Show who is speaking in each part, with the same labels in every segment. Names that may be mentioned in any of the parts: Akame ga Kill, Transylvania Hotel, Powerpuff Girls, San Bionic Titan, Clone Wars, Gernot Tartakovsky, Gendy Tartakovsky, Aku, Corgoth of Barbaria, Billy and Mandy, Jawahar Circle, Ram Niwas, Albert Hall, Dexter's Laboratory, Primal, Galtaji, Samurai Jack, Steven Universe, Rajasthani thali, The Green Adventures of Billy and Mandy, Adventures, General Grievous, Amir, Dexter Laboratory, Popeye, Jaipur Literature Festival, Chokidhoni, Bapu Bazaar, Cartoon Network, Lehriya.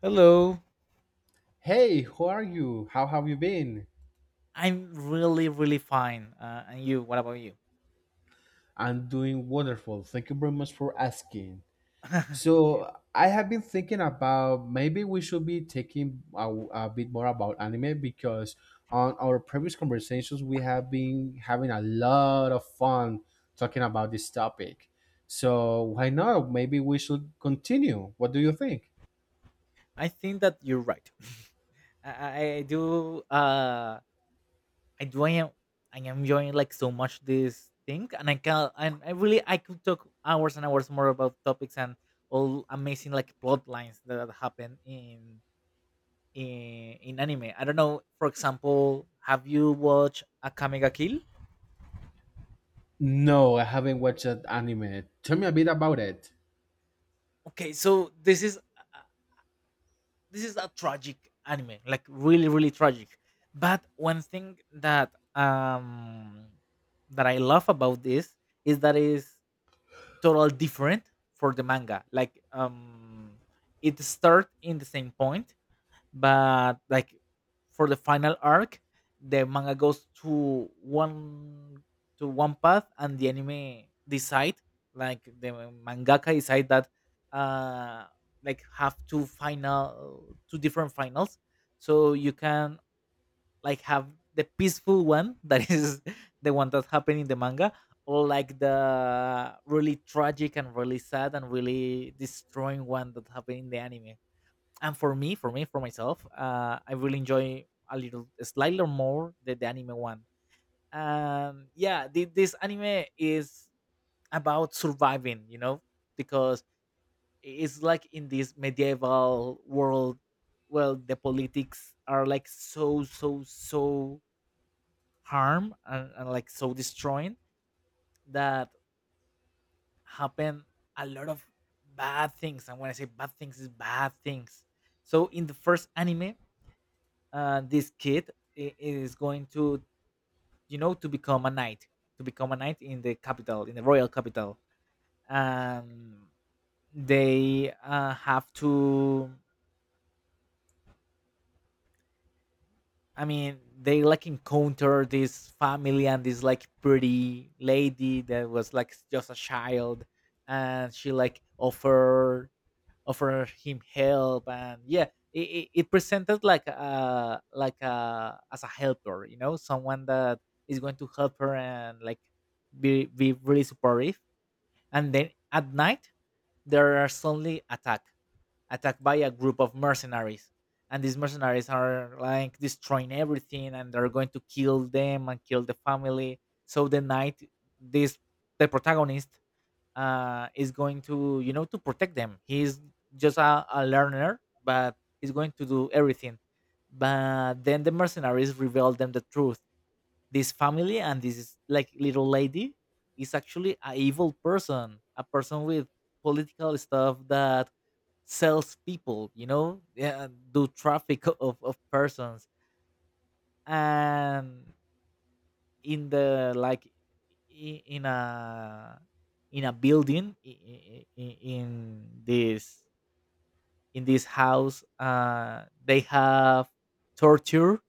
Speaker 1: Hello.
Speaker 2: Hey, how are you? How have you been?
Speaker 1: I'm really, really fine. And you? What about you?
Speaker 2: I'm doing wonderful. Thank you very much for asking. I have been thinking about maybe we should be taking a bit more about anime because on our previous conversations, we have been having a lot of fun talking about this topic. So, why not? Maybe we should continue. What do you think?
Speaker 1: I think that you're right. I do. I do. I am enjoying like so much this thing, and I can. And I really. I could talk hours and hours more about topics and all amazing like plot lines that happen in anime. I don't know. For example, have you watched Akame ga Kill?
Speaker 2: No, I haven't watched that anime. Tell me a bit about it.
Speaker 1: Okay, so this is a tragic anime, like really, really tragic. But one thing that I love about this is that it's total different for the manga. Like, it start in the same point, but like for the final arc the manga goes to one path, and the anime decide, like the mangaka decide that, uh like have two different finals, so you can like have the peaceful one that is the one that happened in the manga, or like the really tragic and really sad and really destroying one that happened in the anime. And for myself, I really enjoy a little slightly more the anime one. Yeah, this anime is about surviving because it's like in this medieval world. Well, the politics are like so harm, and like so destroying, that happen a lot of bad things. And when I say bad things is bad things. So in the first anime, this kid is going to, you know, to become a knight, in the capital, in the royal capital. um they, have to, I mean, they like encounter this family and this like pretty lady that was like just a child, and she like offer him help. And yeah, it presented like a, as a helper, someone that is going to help her, and like be really supportive. And then at night there are suddenly attacked by a group of mercenaries, and these mercenaries are like destroying everything and they're going to kill them and kill the family. So the night, this, the protagonist, is going to, to protect them. He's just a learner, but he's going to do everything. But then the mercenaries reveal them the truth. This family and this like little lady is actually a evil person, a person with political stuff that sells people. You know, yeah, do traffic of persons. And in the like, in a, in a building in, in this house, they have torture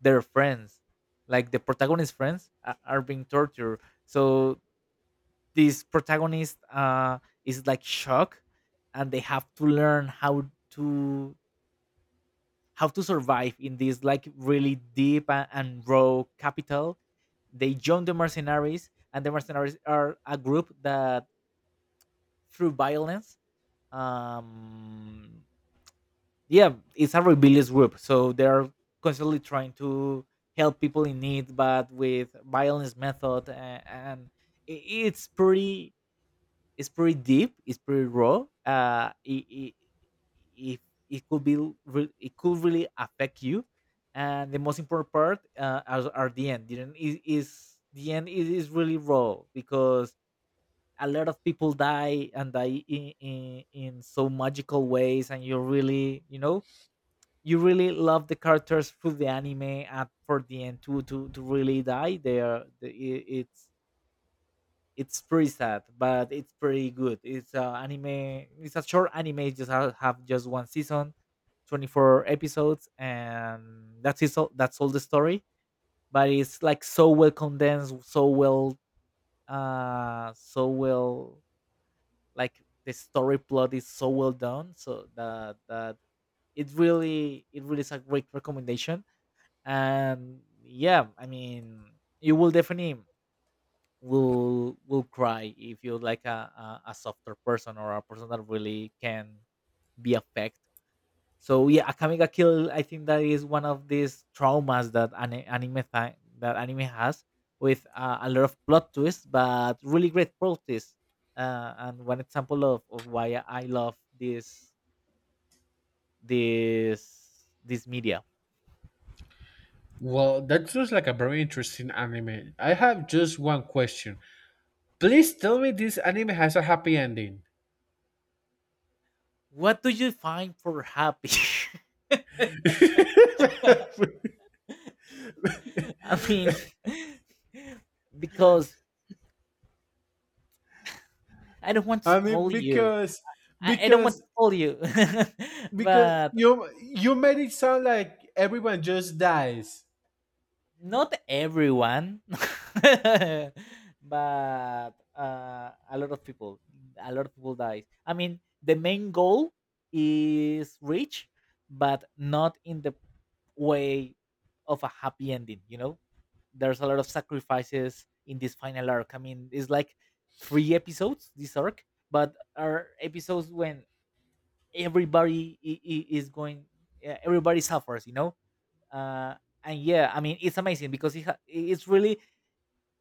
Speaker 1: their friends, like the protagonist friends are being tortured. So this protagonist, is like shocked, and they have to learn how to, survive in this like really deep and raw capital. They join the mercenaries, and the mercenaries are a group that, through violence, um, yeah, it's a rebellious group. So they're constantly trying to help people in need, but with violence method. And i- it's pretty it's pretty deep, it's pretty raw. It, it could really affect you. And the most important part, are the end. The end is, is the end is, is really raw because a lot of people die and die in, so magical ways, and you really, you really love the characters through the anime, and for the end to, really die, they are the, I- it's pretty sad, but it's pretty good. It's a anime. It's a short anime. It just have just one season, 24 episodes, and that's it. That's all the story. But it's like so well condensed, so well, so well. Like the story plot is so well done, so that it really is a great recommendation. And yeah, I mean, you will definitely will cry if you're like a softer person, or a person that really can be affected. So yeah, Akame ga Kill, I think that is one of these traumas that that anime has, with a lot of plot twists, but really great plot twists. And one example of why I love this media.
Speaker 2: Well, that sounds like a very interesting anime. I have just one question. Please tell me this anime has a happy ending.
Speaker 1: What do you find for happy? I mean, because I don't want to
Speaker 2: I mean,
Speaker 1: spoil you, I don't want to
Speaker 2: because
Speaker 1: spoil you,
Speaker 2: because
Speaker 1: but
Speaker 2: you made it sound like everyone just dies.
Speaker 1: not everyone, but a lot of people, dies. I mean, the main goal is reached, but not in the way of a happy ending. You know, there's a lot of sacrifices in this final arc. I mean, it's like three episodes this arc, but are episodes when everybody, is going yeah, everybody suffers. uh, and yeah, I mean, it's amazing because it's really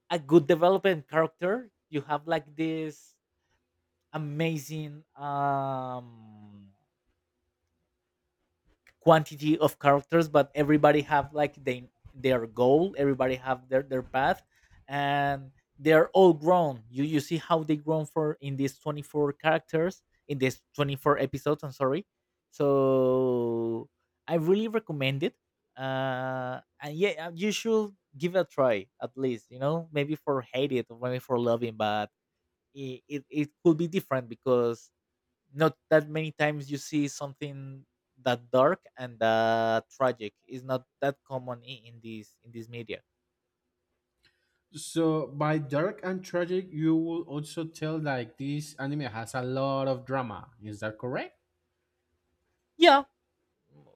Speaker 1: a good development character. You have like this amazing, quantity of characters, but everybody have like they their goal, everybody have their path, and they're all grown. You see how they grown for in these 24 characters in these 24 episodes, I'm sorry. So I really recommend it. And yeah, you should give it a try, at least, maybe for hate it, or maybe for loving. But it could be different because not that many times you see something that dark and that tragic. Is not that common in this, media.
Speaker 2: So by dark and tragic, you will also tell like this anime has a lot of drama. Is that correct?
Speaker 1: Yeah, m-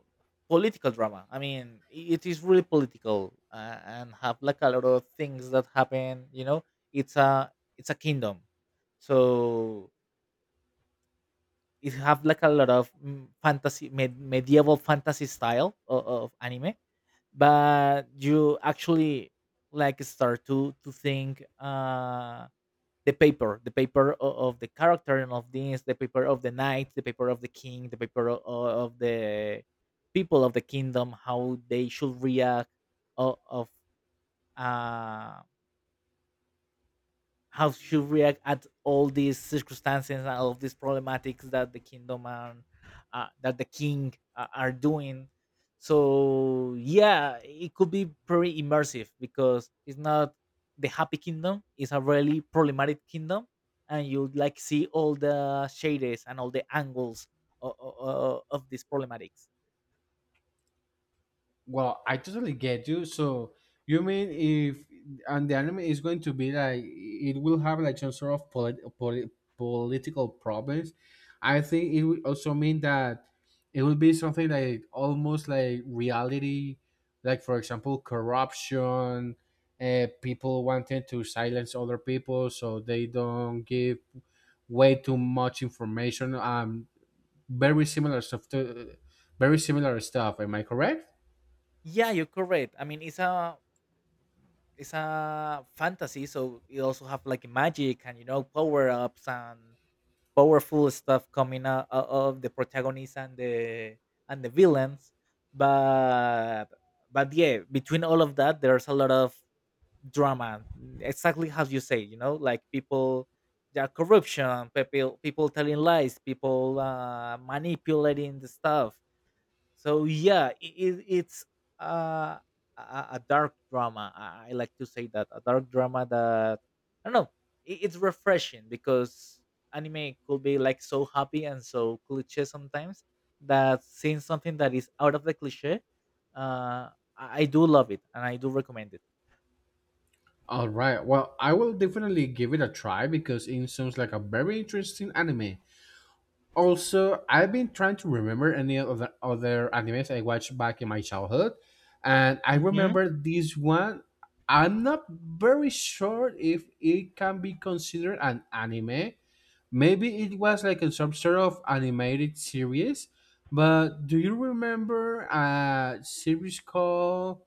Speaker 1: political drama, I mean, it is really political, and have like a lot of things that happen. It's a kingdom, so it have like a lot of, fantasy, medieval fantasy style of anime. But you actually like start to think, the paper, of the character, and the paper of the knight, the paper of the king, the paper of the people of the kingdom, how they should react, of, uh, how she react at all these circumstances and all of these problematics that the kingdom and that the king, are doing. So yeah, it could be pretty immersive because it's not the happy kingdom, it's a really problematic kingdom, and you like see all the shades and all the angles of, these problematics.
Speaker 2: Well, I totally get you. So you mean if and the anime is going to be like it will have like some sort of political problems. I think it would also mean that it will be something like almost like reality, like for example, corruption, people wanting to silence other people so they don't give way too much information. Very similar stuff to very similar stuff. Am I correct?
Speaker 1: Yeah, you're correct, I mean, it's a fantasy, so it also have like magic, and, you know, power ups and powerful stuff coming out of the protagonists and the, and the villains. But but yeah, between all of that, there's a lot of drama. Exactly how you say, you know, like people, yeah, corruption, people telling lies, people, manipulating the stuff. So yeah, it's, uh, a dark drama. I like to say that, a dark drama, that I don't know, it's refreshing because anime could be like so happy and so cliche sometimes, that seeing something that is out of the cliche, uh, I do love it, and I do recommend it.
Speaker 2: All right. Well, I will definitely give it a try because it sounds like a very interesting anime. Also, I've been trying to remember any of the other animes I watched back in my childhood, and I
Speaker 1: Hmm.
Speaker 2: remember this one. I'm not very sure if it can be considered an anime. Maybe it was like a some sort of animated series. But do you remember a series called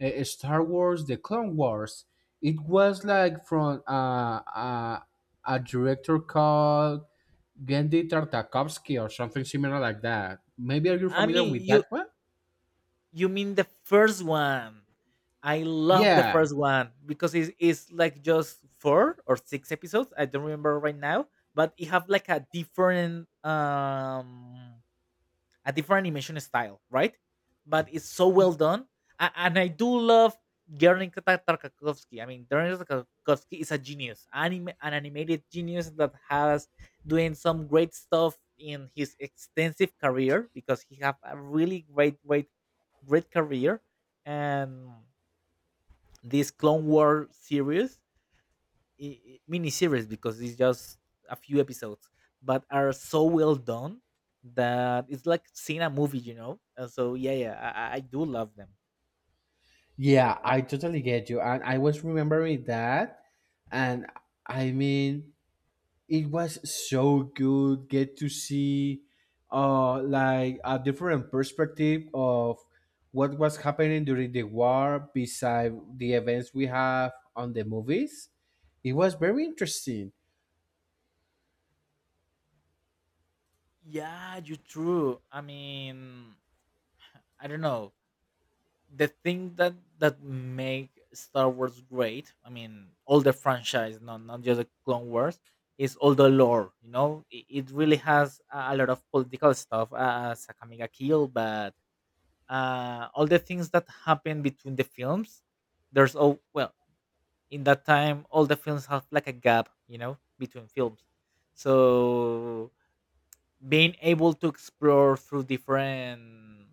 Speaker 2: Star Wars, The Clone Wars. It was like from a director called Gendy Tartakovsky or something similar like that. Maybe are you
Speaker 1: I
Speaker 2: familiar
Speaker 1: mean,
Speaker 2: with that one?
Speaker 1: you mean the first one? I love the
Speaker 2: Yeah,
Speaker 1: first one because it's like just four or six episodes. I don't remember right now, but it have like a different animation style, right? But it's so well
Speaker 2: y-
Speaker 1: done. A- and I do love Gernot Tartakovsky. I mean, Gernot Tartakovsky is a genius, an animated genius that has doing some great stuff in his extensive career, because he have a really great, great, great career. And this Clone War series, mini series, because it's just a few episodes, but are so well done that it's like seeing a movie. And so yeah, yeah, I do love them.
Speaker 2: yeah, I totally get you, and I was remembering that, and I mean, it was so good get to see like a different perspective of what was happening during the war beside the events we have on the movies. It was very interesting.
Speaker 1: Yeah, you are true. I mean, I don't know. The thing that make Star Wars great, I mean, all the franchise, not just the Clone Wars, is all the lore. You know, it really has a lot of political stuff, as Akamiga Kill. But, all the things that happen between the films. There's all well in that time, all the films have like a gap, you know, between films. So being able to explore through different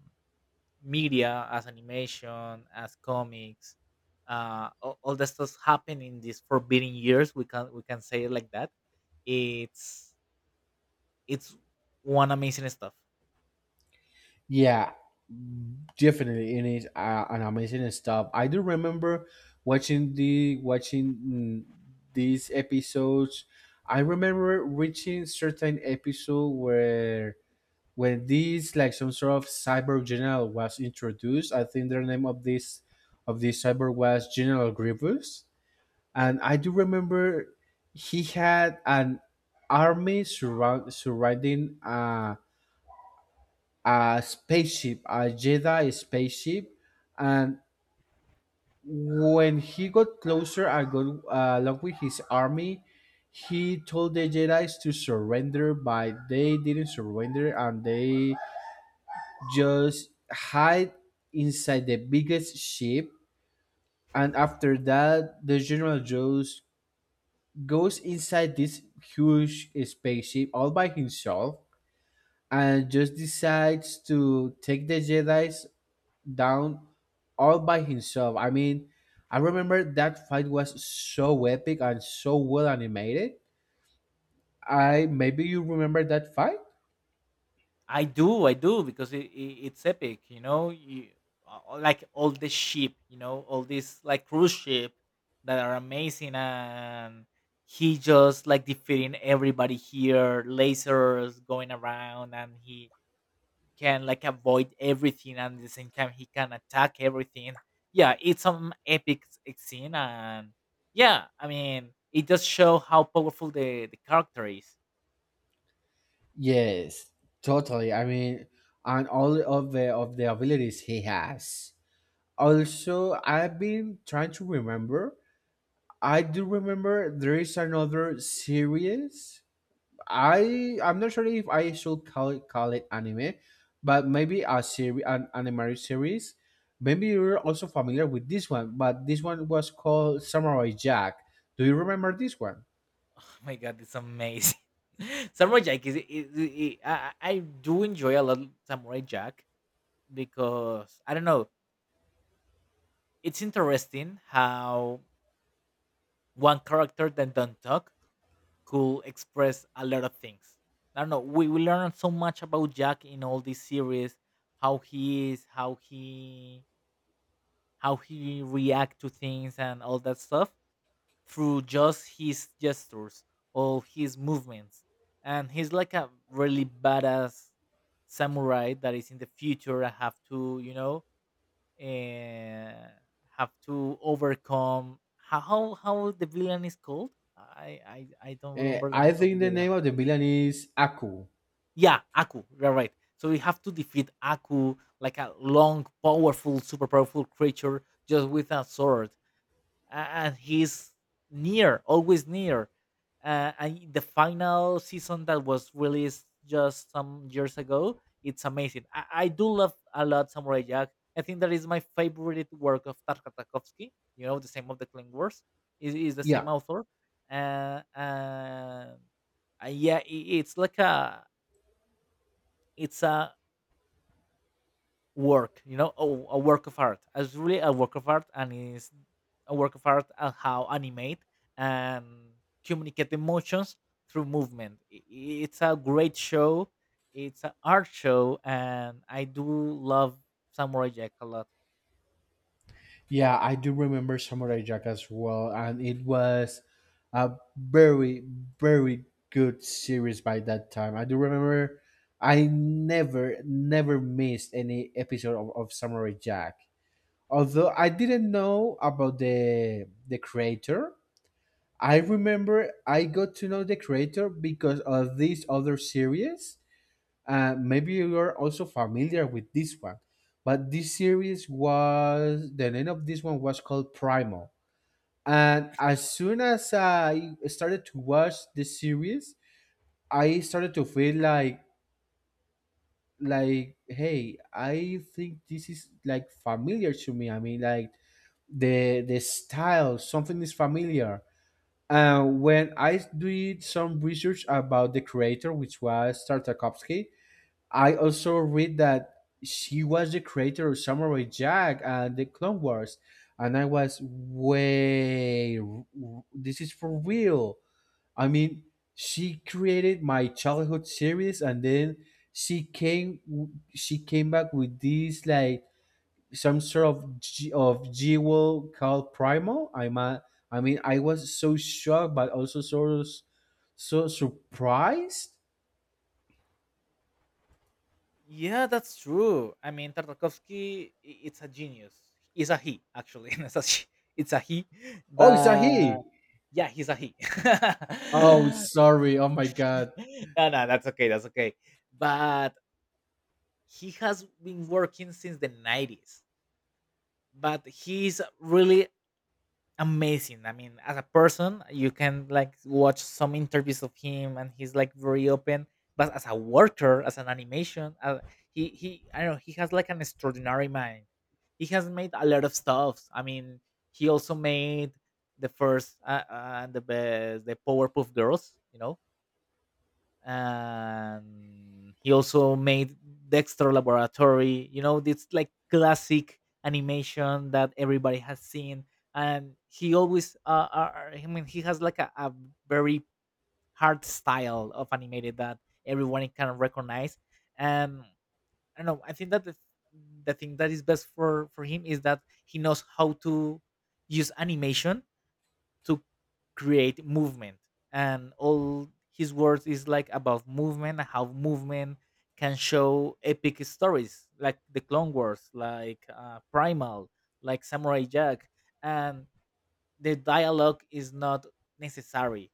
Speaker 1: media, as animation, as comics, all the stuff happening in these forbidden years. We can say it like that. It's it's one amazing stuff.
Speaker 2: Yeah, definitely it is an amazing stuff. I do remember watching these episodes. I remember reaching certain episode where when this like some sort of cyber general was introduced. I think the name of this cyber was General Grievous, and I do remember he had an army surrounding a spaceship, a Jedi spaceship. And when he got closer and got along with his army, he told the Jedis to surrender, but they didn't surrender and they just hide inside the biggest ship. And after that, the general just goes inside this huge spaceship all by himself and just decides to take the Jedis down all by himself. I mean, I remember that fight was so epic and so well animated. I maybe you remember that fight.
Speaker 1: I do, because it's epic, you know. You, like all the ship, all these like cruise ship that are amazing. And he just like defeating everybody here, lasers going around, and he can like avoid everything, and at the same time he can attack everything. Yeah, it's some epic scene, and yeah, I mean, it does show how powerful the character is.
Speaker 2: Yes, totally, I mean, and all of the abilities he has. Also, I've been trying to remember. I do remember there is another series. I'm not sure if I should call it anime, but maybe a series, an anime series. Maybe you're also familiar with this one, but this one was called Samurai Jack. Do you remember this one?
Speaker 1: Oh my God, it's amazing. Samurai Jack I do enjoy a lot Samurai Jack because I don't know. It's interesting how one character that don't talk could express a lot of things. I don't know. We learn so much about Jack in all this series, how he is, how he react to things and all that stuff, through just his gestures or his movements. And he's like a really badass samurai that is in the future and uh, have to overcome how the villain is called. I don't remember the
Speaker 2: I
Speaker 1: name of the
Speaker 2: think the
Speaker 1: villain.
Speaker 2: name of the villain is Aku.
Speaker 1: Yeah, Aku. You're right. So we have to defeat Aku, like a long, powerful, super powerful creature, just with a sword, uh, and he's near, always near. And the final season that was released just some years ago, it's amazing. I do love a lot Samurai Jack. I think that is my favorite work of Tarkovsky. You know, the same of the Clone Wars is the same
Speaker 2: Yeah,
Speaker 1: author. Uh, uh, yeah, it's a work, a work of art. It's really a work of art, and it's a work of art and how animate and communicate emotions through movement. It's a great show. It's an art show, and I do love Samurai Jack a lot.
Speaker 2: yeah, I do remember Samurai Jack as well, and it was a very good series by that time. I do remember I never missed any episode of Samurai Jack. Although I didn't know about the creator, I remember I got to know the creator because of this other series. Maybe you are also familiar with this one, but this series was the name of this one was called Primal. And as soon as I started to watch this series, I started to feel like hey, I think this is like familiar to me. I mean, like the style, something is familiar. And when I did some research about the creator, which was Tartakovsky, I also read that she was the creator of Samurai Jack and the Clone Wars, and I was way. This is for real. I mean, she created my childhood series, and then she came. she came back with this like some sort of jewel called Primal. I mean, I was so shocked, but also sort of so surprised.
Speaker 1: Yeah, that's true. I mean, Tartakovsky, it's a genius. He's a he, actually. It's a she, it's a he,
Speaker 2: Oh, is that
Speaker 1: but
Speaker 2: he?
Speaker 1: yeah, he's a he.
Speaker 2: Oh, sorry. Oh my God.
Speaker 1: No, no, that's okay, that's okay. But he has been working since the 90s, but he's really amazing. I mean, as a person, you can like watch some interviews of him, and he's like very open. But as a worker, as an animation, he I don't know, he has like an extraordinary mind. He has made a lot of stuff. I mean, he also made the first, the best, the Powerpuff Girls, and he also made Dexter Laboratory. It's like classic animation that everybody has seen, and he always, I mean, he has like a very hard style of animated that everyone can recognize. And I don't know. I think that the thing that is best for him is that he knows how to use animation to create movement, and all his words is like about movement, how movement can show epic stories, like the Clone Wars, like Primal, like Samurai Jack. And the dialogue is not necessary.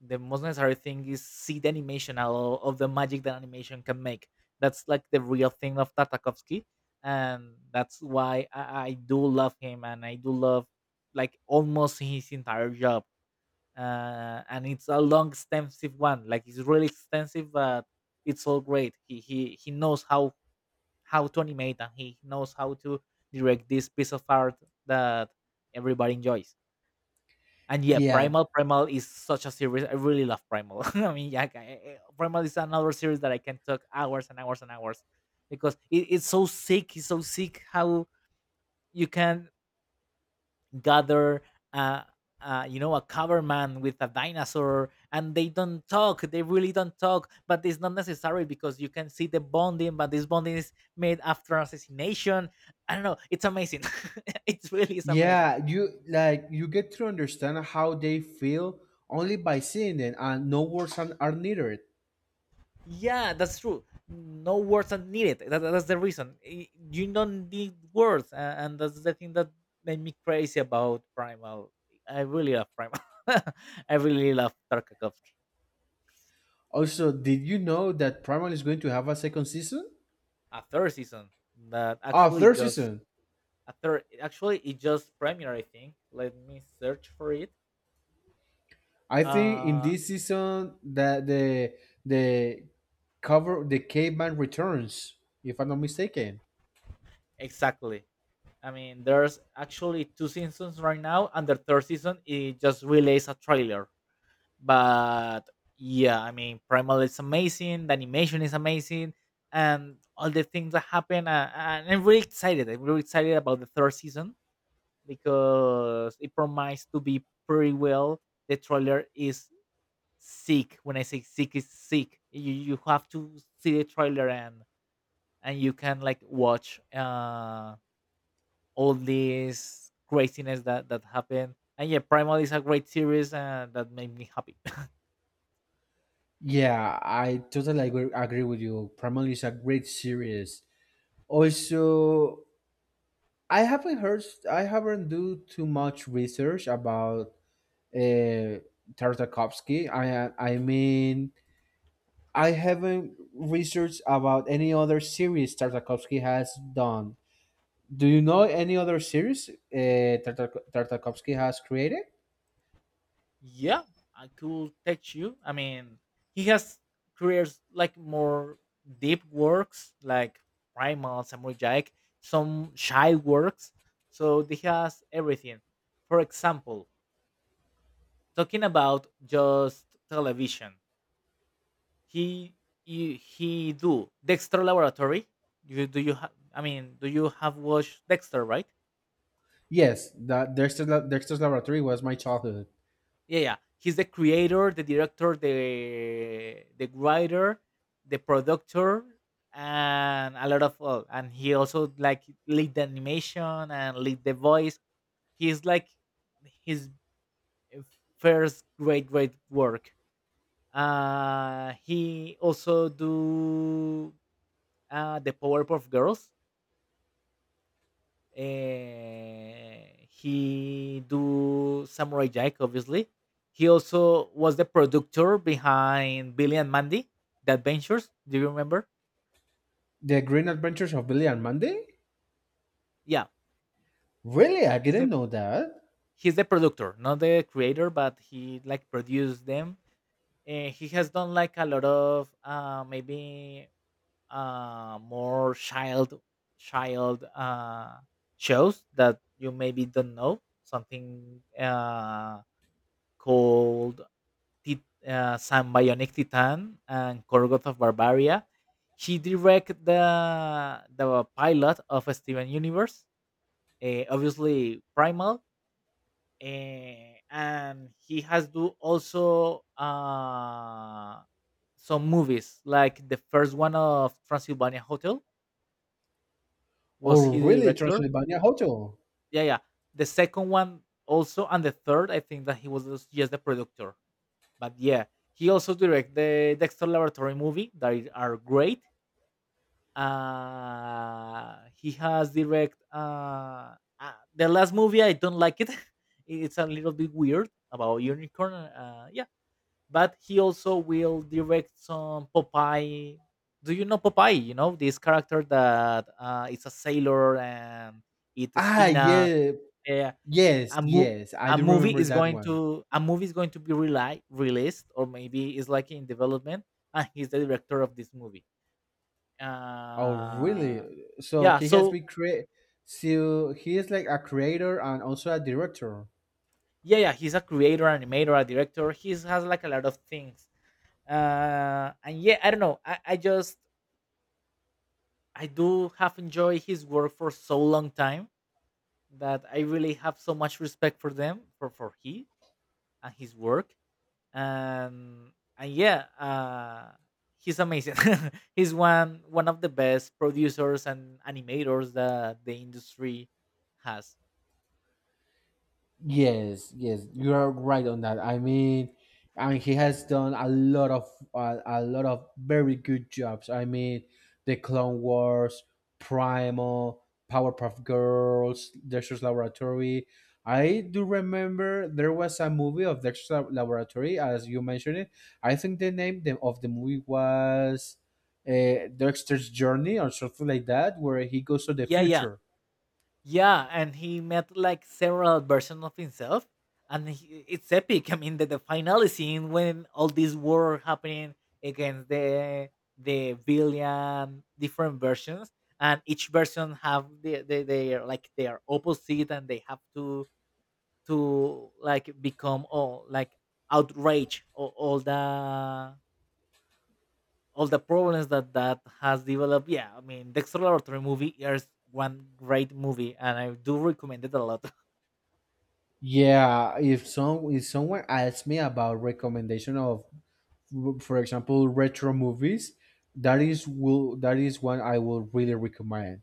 Speaker 1: The most necessary thing is see the animation, all of the magic that animation can make. That's like the real thing of Tatakovsky, and that's why I do love him, and I do love like almost his entire job. And it's a long extensive one, like it's really extensive, but it's all great. He knows how to animate, and he knows how to direct this piece of art that everybody enjoys. And yeah,
Speaker 2: Yeah.
Speaker 1: Primal is such a series. I really love Primal. I mean, yeah, Primal is another series that I can talk hours and hours and hours, because it's so sick. It's so sick how you can gather uh, a cover man with a dinosaur, and they don't talk. They really don't talk, but it's not necessary because you can see the bonding. But this bonding is made after assassination. I don't know. It's amazing. It really is amazing.
Speaker 2: Yeah. You like you get to understand how they feel only by seeing them and no words are needed.
Speaker 1: Yeah, that's true. No words are needed. That's the reason. You don't need words, and that's the thing that made me crazy about Primal. I really love Primal. I really love Tarkovsky.
Speaker 2: Also, did you know that Primal is going to have a second season?
Speaker 1: a third season that
Speaker 2: Ah,
Speaker 1: actually
Speaker 2: third
Speaker 1: just
Speaker 2: season.
Speaker 1: a third, actually it just premiered, I think. Let me search for it.
Speaker 2: I think in
Speaker 1: uh
Speaker 2: this season that the cover the caveman returns, if I'm not mistaken.
Speaker 1: exactly. I mean, there's actually two seasons right now, and the third season it just released a trailer. But yeah, I mean, Primal is amazing. The animation is amazing, and all the things that happen, and I'm really excited. I'm really excited about the third season because it promised to be pretty well. The trailer is seek. When I say seek, is seek, you have to see the trailer, and you can like watch all this craziness that happened. And yeah, Primal is a great series, and that made me happy.
Speaker 2: Yeah, I totally agree with you. Primal is a great series. Also, I haven't heard. I haven't do too much research about uh, Tartakovsky. I mean, I haven't researched about any other series Tartakovsky has done. Do you know any other series Tartakovsky has created?
Speaker 1: Yeah, I could text you. I mean, he has careers like more deep works, like Primal, Samurai Jack, some shy works. So he has everything. For example, talking about just television, he he do Dexter Laboratory. You have? I mean, do you have watched Dexter? Right?
Speaker 2: Yes, that Dexter's Laboratory was my childhood.
Speaker 1: Yeah, yeah. He's the creator, the director, the writer, the producer, and a lot of all. And he also like lead the animation and lead the voice. He's like his first great great work. He also do the Powerpuff Girls. He do Samurai Jack, obviously. He also was the producer behind Billy and Mandy, the Adventures. Do you remember?
Speaker 2: The Green Adventures of Billy and Mandy.
Speaker 1: Yeah,
Speaker 2: Really, I
Speaker 1: he's the
Speaker 2: didn't know that.
Speaker 1: he's the producer, not the creator, but he like produced them. He has done like a lot of, maybe, more child shows that you maybe don't know. Something called, San Bionic Titan and Corgoth of Barbaria. She directed the pilot of Steven Universe, obviously Primal, and he has do also some movies, like the first one of Transylvania Hotel. Was
Speaker 2: Or
Speaker 1: he the
Speaker 2: really,
Speaker 1: director?
Speaker 2: Transylvania Hotel.
Speaker 1: Yeah, yeah. The second one also, and the third, I think that he was just the producer. But yeah, he also directed the Dexter Laboratory movie that are great. He has direct, the last movie. I don't like it. It's a little bit weird about unicorn. Yeah, but he also will direct some Popeye. Do you know Popeye? You know this character that is a sailor and eats
Speaker 2: Ah,
Speaker 1: spinach.
Speaker 2: yeah,
Speaker 1: Yeah, yeah.
Speaker 2: yes,
Speaker 1: A mo
Speaker 2: yes, I
Speaker 1: a
Speaker 2: do
Speaker 1: movie
Speaker 2: remember
Speaker 1: is
Speaker 2: that
Speaker 1: going
Speaker 2: one.
Speaker 1: to a movie is going to be reli released, or maybe is like in development, and he's the director of this movie.
Speaker 2: Oh, really?
Speaker 1: Uh,
Speaker 2: So
Speaker 1: yeah.
Speaker 2: he has
Speaker 1: So
Speaker 2: been create. So he is like a creator and also a director.
Speaker 1: yeah, yeah, he's a creator, animator, a director. He has like a lot of things. And yeah, I don't know. I do have enjoyed his work for so long time that I really have so much respect for them, for he and his work. And yeah, he's amazing. He's one of the best producers and animators that the industry has.
Speaker 2: Yes, yes, you are right on that. I mean, he has done a lot of very good jobs. I mean, the Clone Wars, Primal, Powerpuff Girls, Dexter's Laboratory. I do remember there was a movie of Laboratory, as you mentioned it. I think the name of the movie was Dexter's Journey or something like that, where he goes to the
Speaker 1: Yeah, yeah,
Speaker 2: future.
Speaker 1: yeah, and he met like several versions of himself. And it's epic. I mean, the final scene when all this war happening against the villain, different versions, and each version have their like their opposite, and they have to like become all like outrage, or all the problems that has developed. Yeah, I mean, the extraordinary movie is one great movie, and I do recommend it a lot.
Speaker 2: Yeah, if some if someone asks me about recommendation of, for example, retro movies, that is one I will really recommend.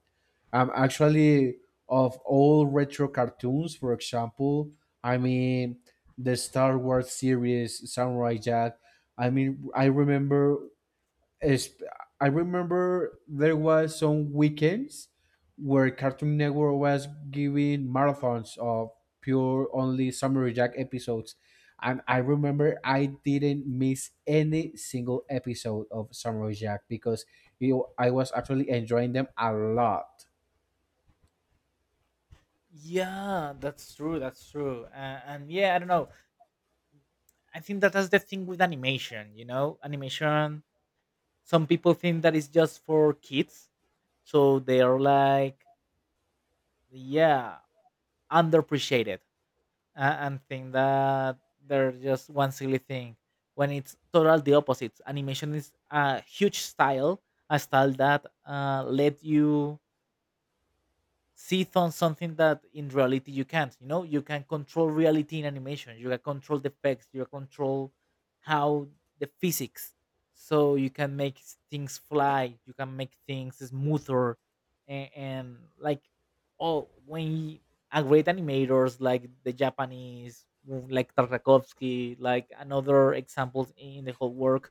Speaker 2: Actually, of all retro cartoons, for example, I mean the Star Wars series, Samurai Jack. I mean, is I remember there was some weekends where Cartoon Network was giving marathons of pure only Samurai Jack episodes, and I remember I didn't miss any single episode of Samurai Jack because you know, I was actually enjoying them a lot.
Speaker 1: Yeah, that's true, that's true. And yeah, I don't know. I think that that's the thing with animation. Animation, some people think that it's just for kids, so they are like, yeah, underappreciated, and think that they're just one silly thing, when it's total the opposite. Animation is a huge style, a style that let you sit on something that in reality you can't. You know, you can control reality in animation. You can control the effects. You can control how the physics. So you can make things fly. You can make things smoother, and like, oh, when a great animators like the Japanese, like Tarkovsky, like another examples in the whole world,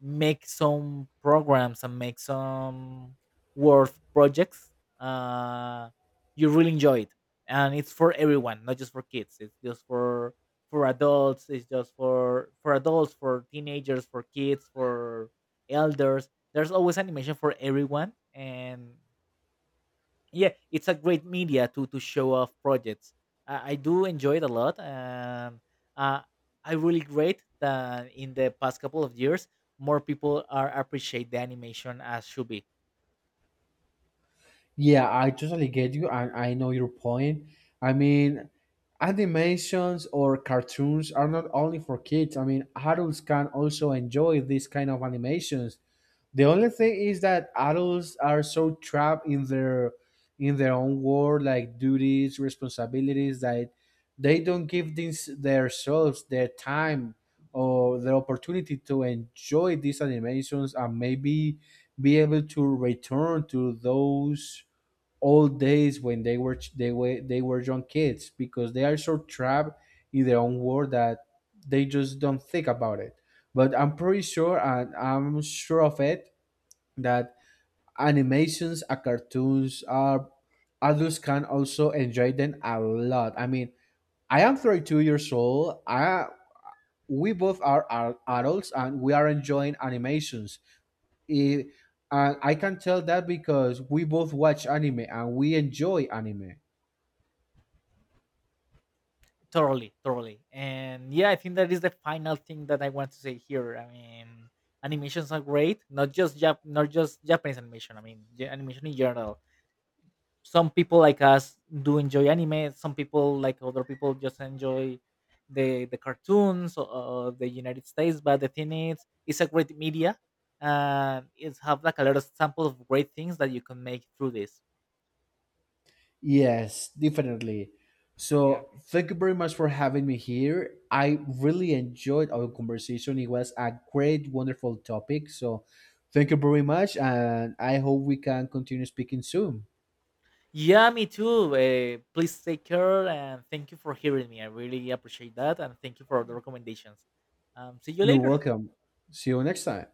Speaker 1: make some programs and make some work projects, uh, you really enjoy it, and it's for everyone, not just for kids. It's just for adults. It's just for adults, for teenagers, for kids, for elders. There's always animation for everyone. And yeah, it's a great media to show off projects. I do enjoy it a lot. And uh, I really great that in the past couple of years more people are appreciate the animation as should be.
Speaker 2: Yeah, I totally get you, and I know your point. I mean, animations or cartoons are not only for kids. I mean, adults can also enjoy these kind of animations. The only thing is that adults are so trapped in their own world, like duties, responsibilities, that they don't give these themselves their time or the opportunity to enjoy these animations and maybe be able to return to those old days when they were young kids because they are so trapped in their own world that they just don't think about it. But I'm pretty sure, and I'm sure of it, that animations and cartoons are adults can also enjoy them a lot. I mean, I am 32 years old. I we both are adults and we are enjoying animations. It, and I can tell that because we both watch anime and we enjoy anime.
Speaker 1: Totally, totally, and yeah, I think that is the final thing that I want to say here. I mean, animations are great. Not just Japanese animation. I mean, the animation in general. Some people like us do enjoy anime. Some people like other people just enjoy the cartoons, of the United States. But the thing is, it's a great media, and it's have like a lot of sample of great things that you can make through this.
Speaker 2: Yes, definitely.
Speaker 1: Yeah.
Speaker 2: So thank you very much for having me here. I really enjoyed our conversation. It was a great, wonderful topic. So thank you very much, and I hope we can continue speaking soon.
Speaker 1: Yeah, me too. Please take care, and thank you for hearing me. I really appreciate that, and thank you for the recommendations. See you
Speaker 2: You're
Speaker 1: later.
Speaker 2: welcome. See you next time.